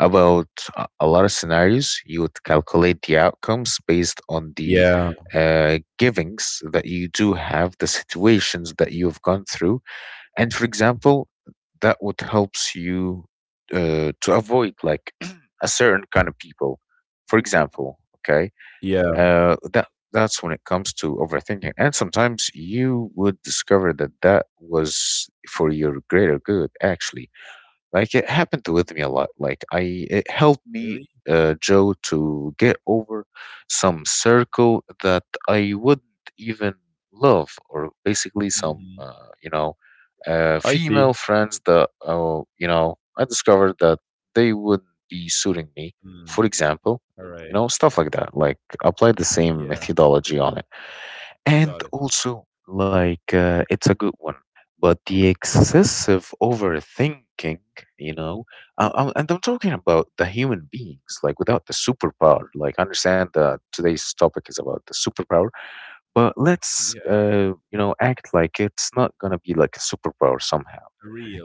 about a lot of scenarios. You would calculate the outcomes based on the
Yeah,
givings that you do have, the situations that you've gone through, and for example, that would helps you to avoid like a certain kind of people for example, okay,
yeah.
that that's when it comes to overthinking. And sometimes you would discover that that was for your greater good actually, like it happened with me a lot. Like I, it helped
Really?
me, Joe, to get over some circle that I wouldn't even love, or basically some,
Mhm.
you know,
I
female
see.
friends that, you know, I discovered that they wouldn't be suiting me.
Mm,
For example, you
alright.
know, stuff like that. Like apply the same
Yeah,
methodology on it. And
got it.
also, like, it's a good one, but the excessive overthinking, you know, and I'm talking about the human beings, like, without the superpower. Like, I understand that today's topic is about the superpower, but let's,
Yeah,
you know, act like it's not gonna be like a superpower somehow,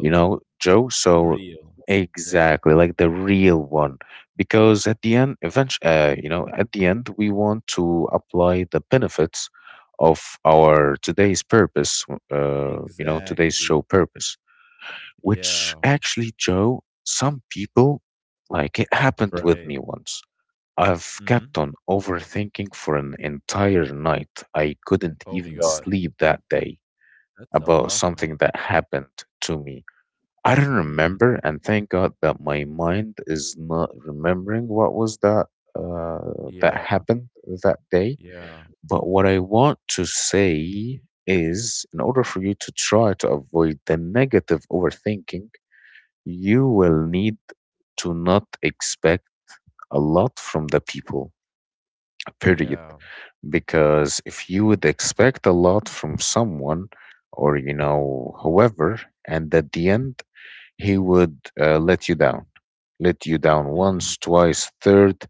you know, Joe. So
real. Yeah,
exactly like the real one, because at the end, eventually, you know, at the end, we want to apply the benefits of our today's purpose, you know, today's show
exactly.
purpose, which
Yeah,
actually, Joe, some people, like it happened
right.
with me once. I've
Mhm.
kept on overthinking for an entire night. I couldn't
Oh my
even
god,
sleep that day
that's a
about
lot, man.
something that
Yeah.
happened to me. I don't
Mm,
remember, and thank God that my mind is not remembering what was that that
yeah,
happened that day.
yeah,
But what I want to say is, in order for you to try to avoid the negative overthinking, you will need to not expect a lot from the people. Period.
yeah.
Because if you would expect a lot from someone or you know whoever, and at the end he would let you down, let you down,
Mhm.
once, twice, third,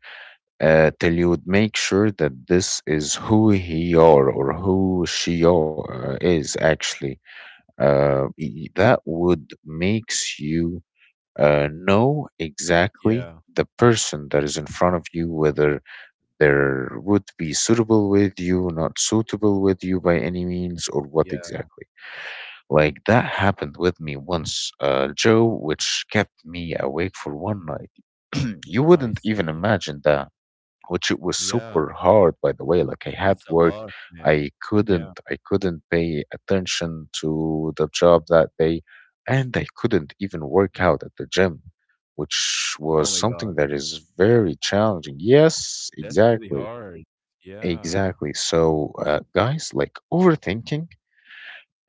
till you would make sure that this is who he are or who she are, is actually that would makes you know exactly
Yeah,
the person that is in front of you, whether there would be suitable with you, not suitable with you by any means or what
yeah,
exactly, like that happened with me once, Joe, which kept me awake for one night. you
I
wouldn't even
see.
imagine that, which it was
Yeah,
super hard, by the way. Like I had
that's a
work,
lot, man. Yeah.
I couldn't pay attention to the job that day, and I couldn't even work out at the gym, which
Oh my
was
god,
something that is very challenging. Yes,
that's really
exactly,
hard. Yeah,
exactly. So, guys, like overthinking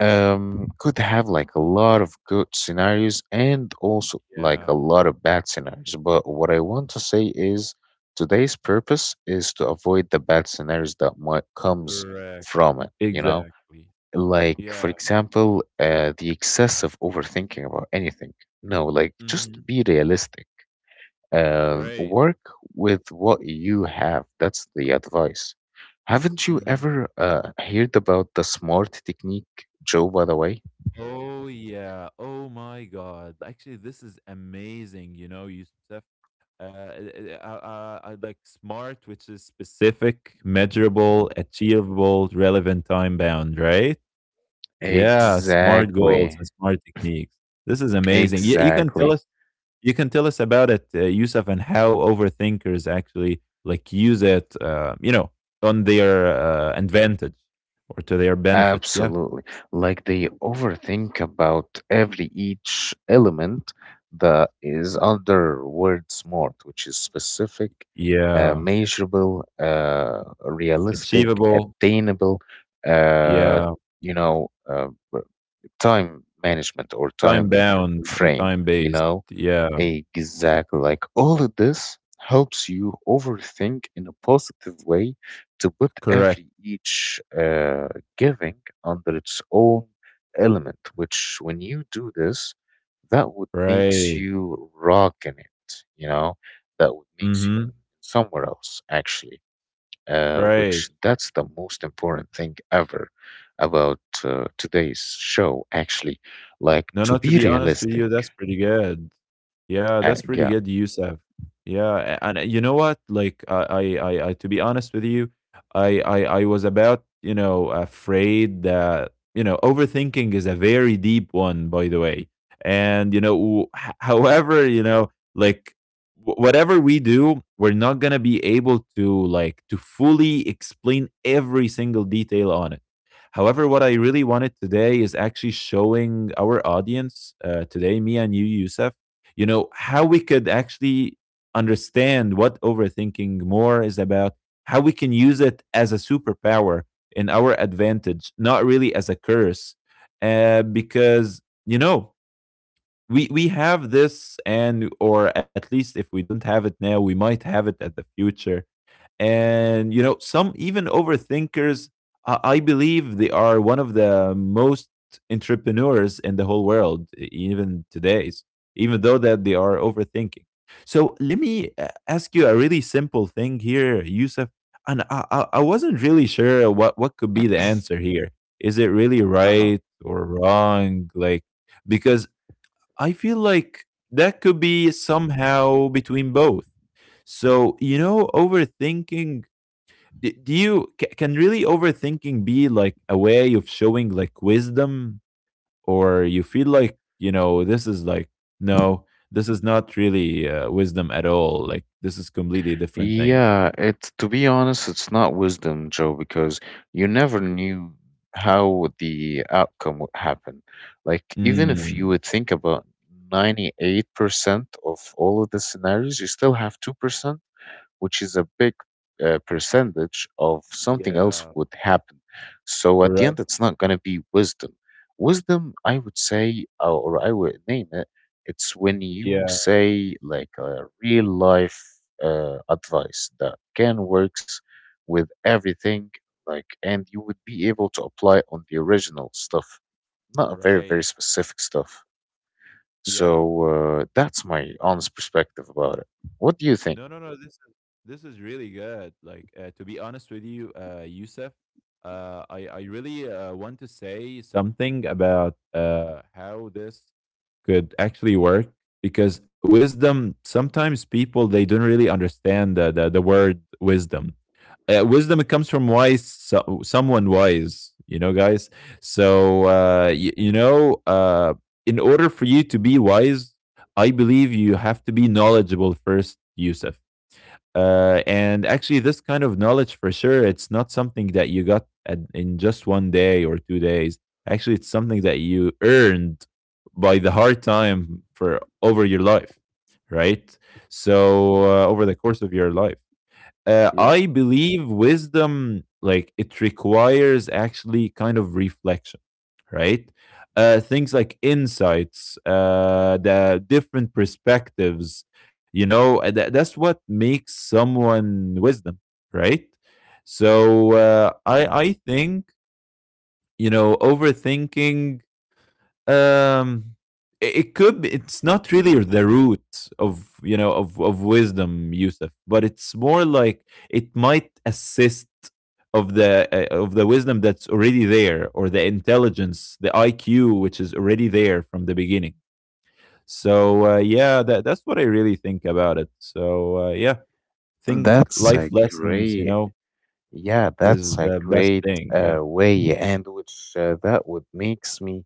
could have like a lot of good scenarios, and also like
yeah,
a lot of bad scenarios. But what I want to say is today's purpose is to avoid the bad scenarios that might comes
correct.
from it, you know?
Exactly.
Like for
Yeah.
example, the excessive overthinking about anything. No, like just
Mhm.
be realistic.
Right.
Work with what you have. That's the advice. Haven't you
Mhm.
ever heard about the SMART technique, Joe, by the way?
Oh, yeah. Oh my god. Actually, this is amazing, you know, Yusuf. I like SMART, which is specific, measurable, achievable, relevant, time bound, right? Yeah, SMART goals
Exactly.
and SMART techniques. This is amazing. You can tell
Exactly.
us, you can tell us about it, Youssef, and how overthinkers actually like use it, you know, on their advantage, or to their benefit. Yeah.
Absolutely. Like they overthink about every each element that is under word smart, which is specific,
Yeah.
measurable, realistic,
Achievable,
attainable, uh,
yeah.
you know, uh, w- time management or
Time
time
bound or
frame,
time
you
based,
know.
yeah.
Exactly. Like all of this helps you overthink in a positive way, to put
Correct,
every each giving under its own element, which when you do this, that would makes
right.
you rock in it, you know, that would makes you
Mhm,
somewhere else actually,
right.
which that's the most important thing ever about today's show actually, like
No,
to
no, to
be
be honest with
realistic.
you, that's pretty good. Yeah, that's pretty
Yeah.
good, Yusef. Yeah, and you know what? Like, I to be honest with you, I was about, you know, afraid that, you know, overthinking is a very deep one, by the way. And, you know, however, you know, like, whatever we do, we're not going to be able to, like, to fully explain every single detail on it. However, what I really wanted today is actually showing our audience, today, me and you, Youssef, you know, how we could actually understand what overthinking more is about, how we can use it as a superpower, in our advantage, not really as a curse. Because, you know, we have this, and, or at least if we don't have it now, we might have it at the future. And you know, some even overthinkers, I believe they are one of the most entrepreneurs in the whole world, even today's, even though that they are overthinking. So, let me, uh, ask you a really simple thing here, Yusuf. And I wasn't really sure what could be the answer here. Is it really
Uh-huh.
right or wrong? Like, because I feel like that could be somehow between both. So, you know, overthinking, can really overthinking be like a way of showing like wisdom? Or you feel like, you know, this is like, no, this is not really wisdom at all, like this is completely different thing?
Yeah, it's to be honest, it's not wisdom, Joe, because you never knew how the outcome would happen. Like, even if you
Mm,
would think about 98% of all of the scenarios, you still have 2%, which is a big percentage of something else
yeah.
would happen. So at the end,
Correct.
it's not going to be wisdom. Wisdom, I would say, or I would name it, it's when you
Yeah.
say like a real life advice that can works with everything, like, and you would be able to apply on the original stuff, not a very, very
Right.
specific stuff.
Yeah.
So that's my honest perspective about it. What do you
No,
think?
no, no, this is, this is really good. Like, to be honest with you, Yusuf, I really want to say something about how this could actually work. Because wisdom, sometimes people, they don't really understand the word wisdom. Uh, wisdom, it comes from wise, so someone wise, you know, guys. So you know, in order for you to be wise, I believe you have to be knowledgeable first, Yusuf. Uh, and actually, this kind of knowledge, for sure, it's not something that you got at, in just one day or two days. Actually, it's something that you earned by the hard time for over your life, right? So, over the course of your life. I believe wisdom, like, it requires actually kind of reflection, right? Things like insights, the different perspectives, you know, that's what makes someone wisdom, right? So I think, you know, overthinking, um it could be, it's not really the root of, you know, of wisdom, Yusuf, but it's more like it might assist of the, of the wisdom that's already there, or the intelligence, the IQ, which is already there from the beginning. So yeah, that, that's what I really think about it. So yeah, think
That's
life
a
lessons, you
great,
know,
yeah,
is
that's a
the best
great
thing. Yeah.
way, and which that would makes me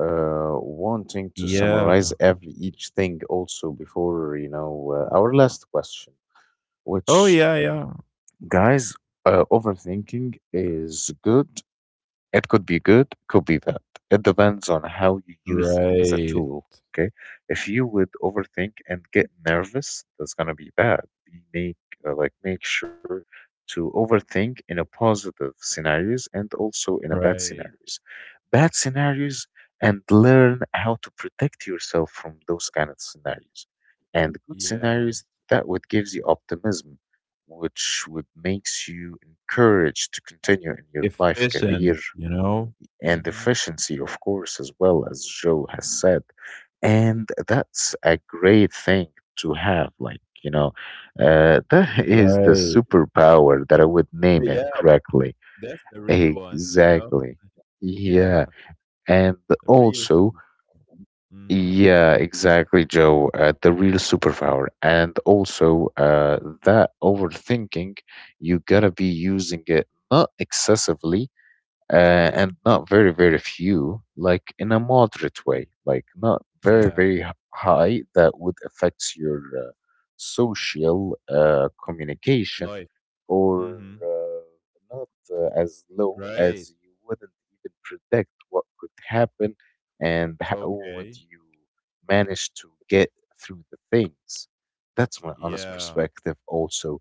wanting to
Yeah.
summarize every each thing also before, you know, our last question,
Oh
which,
yeah. Yeah.
guys, overthinking is good, it could be good, could be bad. It depends on how you use it as a
Right.
tool. Okay. If you would overthink and get nervous, that's gonna be bad. Be make Like make sure to overthink in a positive scenarios and also in a bad
Right.
scenarios. Bad scenarios, and learn how to protect yourself from those kind of scenarios. And good
Yeah.
scenarios that would gives you optimism, which would makes you encouraged to continue in your life career
Efficient, you know?
and
Mhm.
efficiency, of course, as well as Joe has said. And that's a great thing to have. Like, you know, that is the
Right.
superpower that I would name
Yeah,
it correctly.
that's the real one, you know?
Exactly. Yeah.
Yeah,
And
the real
also,
superpower. Mhm.
yeah, exactly, Joe, the real superpower. And also, that overthinking, you gotta be using it not excessively, and not very very few, like in a moderate way, like not very
Yeah,
very high that would affect your social communication,
life.
or
Mhm.
not as low
Right.
as you wouldn't even predict what could happen and how would
Okay.
you manage to get through the things. That's my honest
Yeah.
perspective also,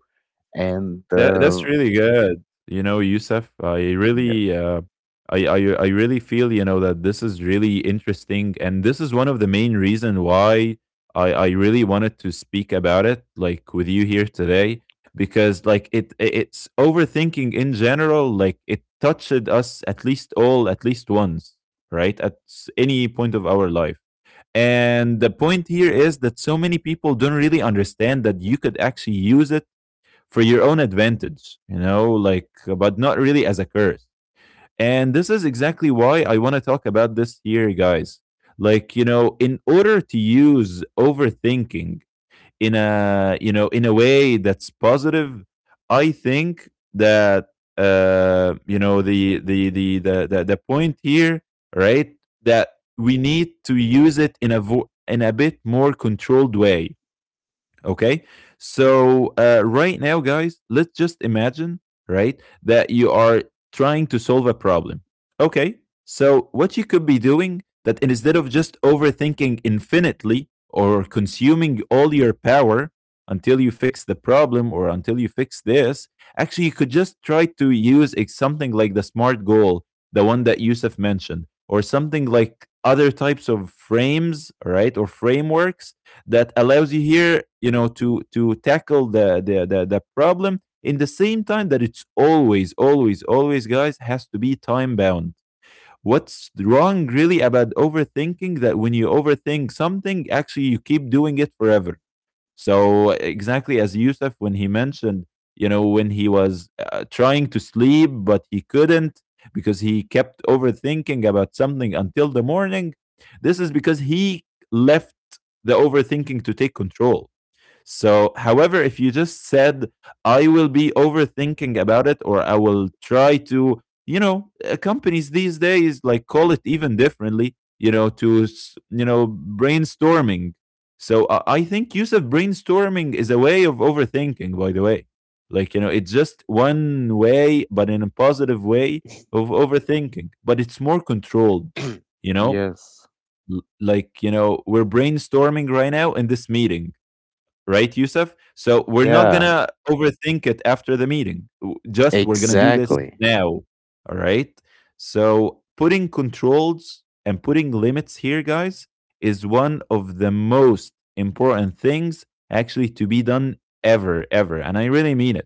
and
That that's really good. You know, Yusuf, I
yeah.
really, I, I I really feel, you know, that this is really interesting, and this is one of the main reason why I really wanted to speak about it like with you here today. Because like, it's overthinking in general, like, it touched us at least all at least once, right? At any point of our life. And the point here is that so many people don't really understand that you could actually use it for your own advantage, you know, like, but not really as a curse. And this is exactly why I want to talk about this here, guys. In order to use overthinking in a, in a way that's positive, I think that, the point here, right, that we need to use it in a, in a bit more controlled way. Okay. So right now, guys, let's just imagine, right, that you are trying to solve a problem. Okay. So what you could be doing that instead of just overthinking infinitely or consuming all your power until you fix the problem or until you fix this, actually you could just try to use something like the smart goal, the one that Yusuf mentioned, or something like other types of frames, right, or frameworks that allows you here, you know, to tackle the problem in the same time that it's always, always, always, guys, has to be time bound. What's wrong really about overthinking that when you overthink something, actually you keep doing it forever. So exactly as Yusuf when he mentioned, you know, when he was trying to sleep but he couldn't because he kept overthinking about something until the morning. This is because he left the overthinking to take control. So, however, if you just said, I will be overthinking about it, or I will try to, companies these days like call it even differently, to, brainstorming. So I think use of brainstorming is a way of overthinking, by the way. Like, you know, it's just one way, but in a positive way of overthinking, but it's more controlled, you know?
yes.
You know, we're brainstorming right now in this meeting, right, Yusuf? So we're not
Yeah,
gonna overthink it after the meeting. Just we're gonna do this
exactly.
now. All right. So putting controls and putting limits here, guys, is one of the most important things actually to be done ever, ever. And I really mean it.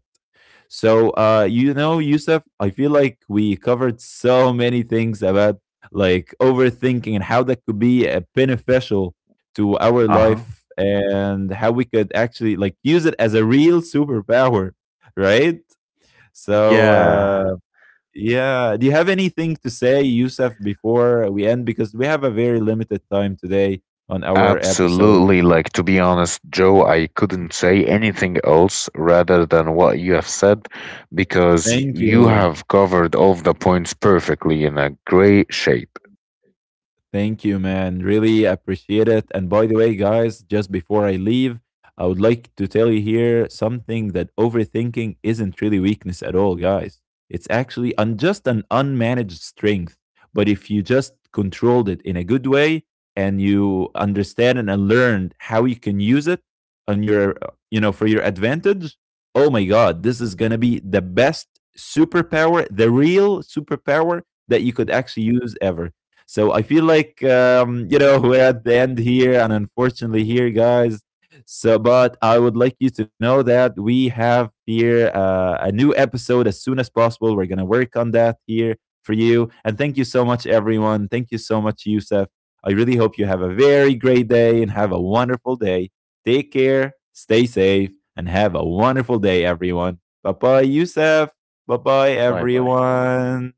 So, Yusuf, I feel like we covered so many things about like overthinking and how that could be beneficial to our
Uh-huh.
life and how we could actually like use it as a real superpower, right? So,
Yeah,
yeah, do you have anything to say, Yusuf, before we end? Because we have a very limited time today on our episode.
absolutely. Like, to be honest, Joe, I couldn't say anything else rather than what you have said, because
Thank
you
you.
have covered all of the points perfectly in a great shape.
Thank you, man. Really appreciate it. And by the way, guys, just before I leave, I would like to tell you here something that overthinking isn't really weakness at all, guys. It's actually just an unmanaged strength. But if you just controlled it in a good way and you understand and learned how you can use it on your, for your advantage, oh my God, this is going to be the best superpower, the real superpower that you could actually use ever. So I feel like we're at the end here, and unfortunately here, guys. So, but I would like you to know that we have here a new episode as soon as possible. We're gonna work on that here for you, and thank you so much, everyone. Thank you so much, Yusuf. I really hope you have a very great day and have a wonderful day. Take care, stay safe, and have a wonderful day, everyone. Bye bye, Yusuf. Bye bye,
Bye bye.
everyone.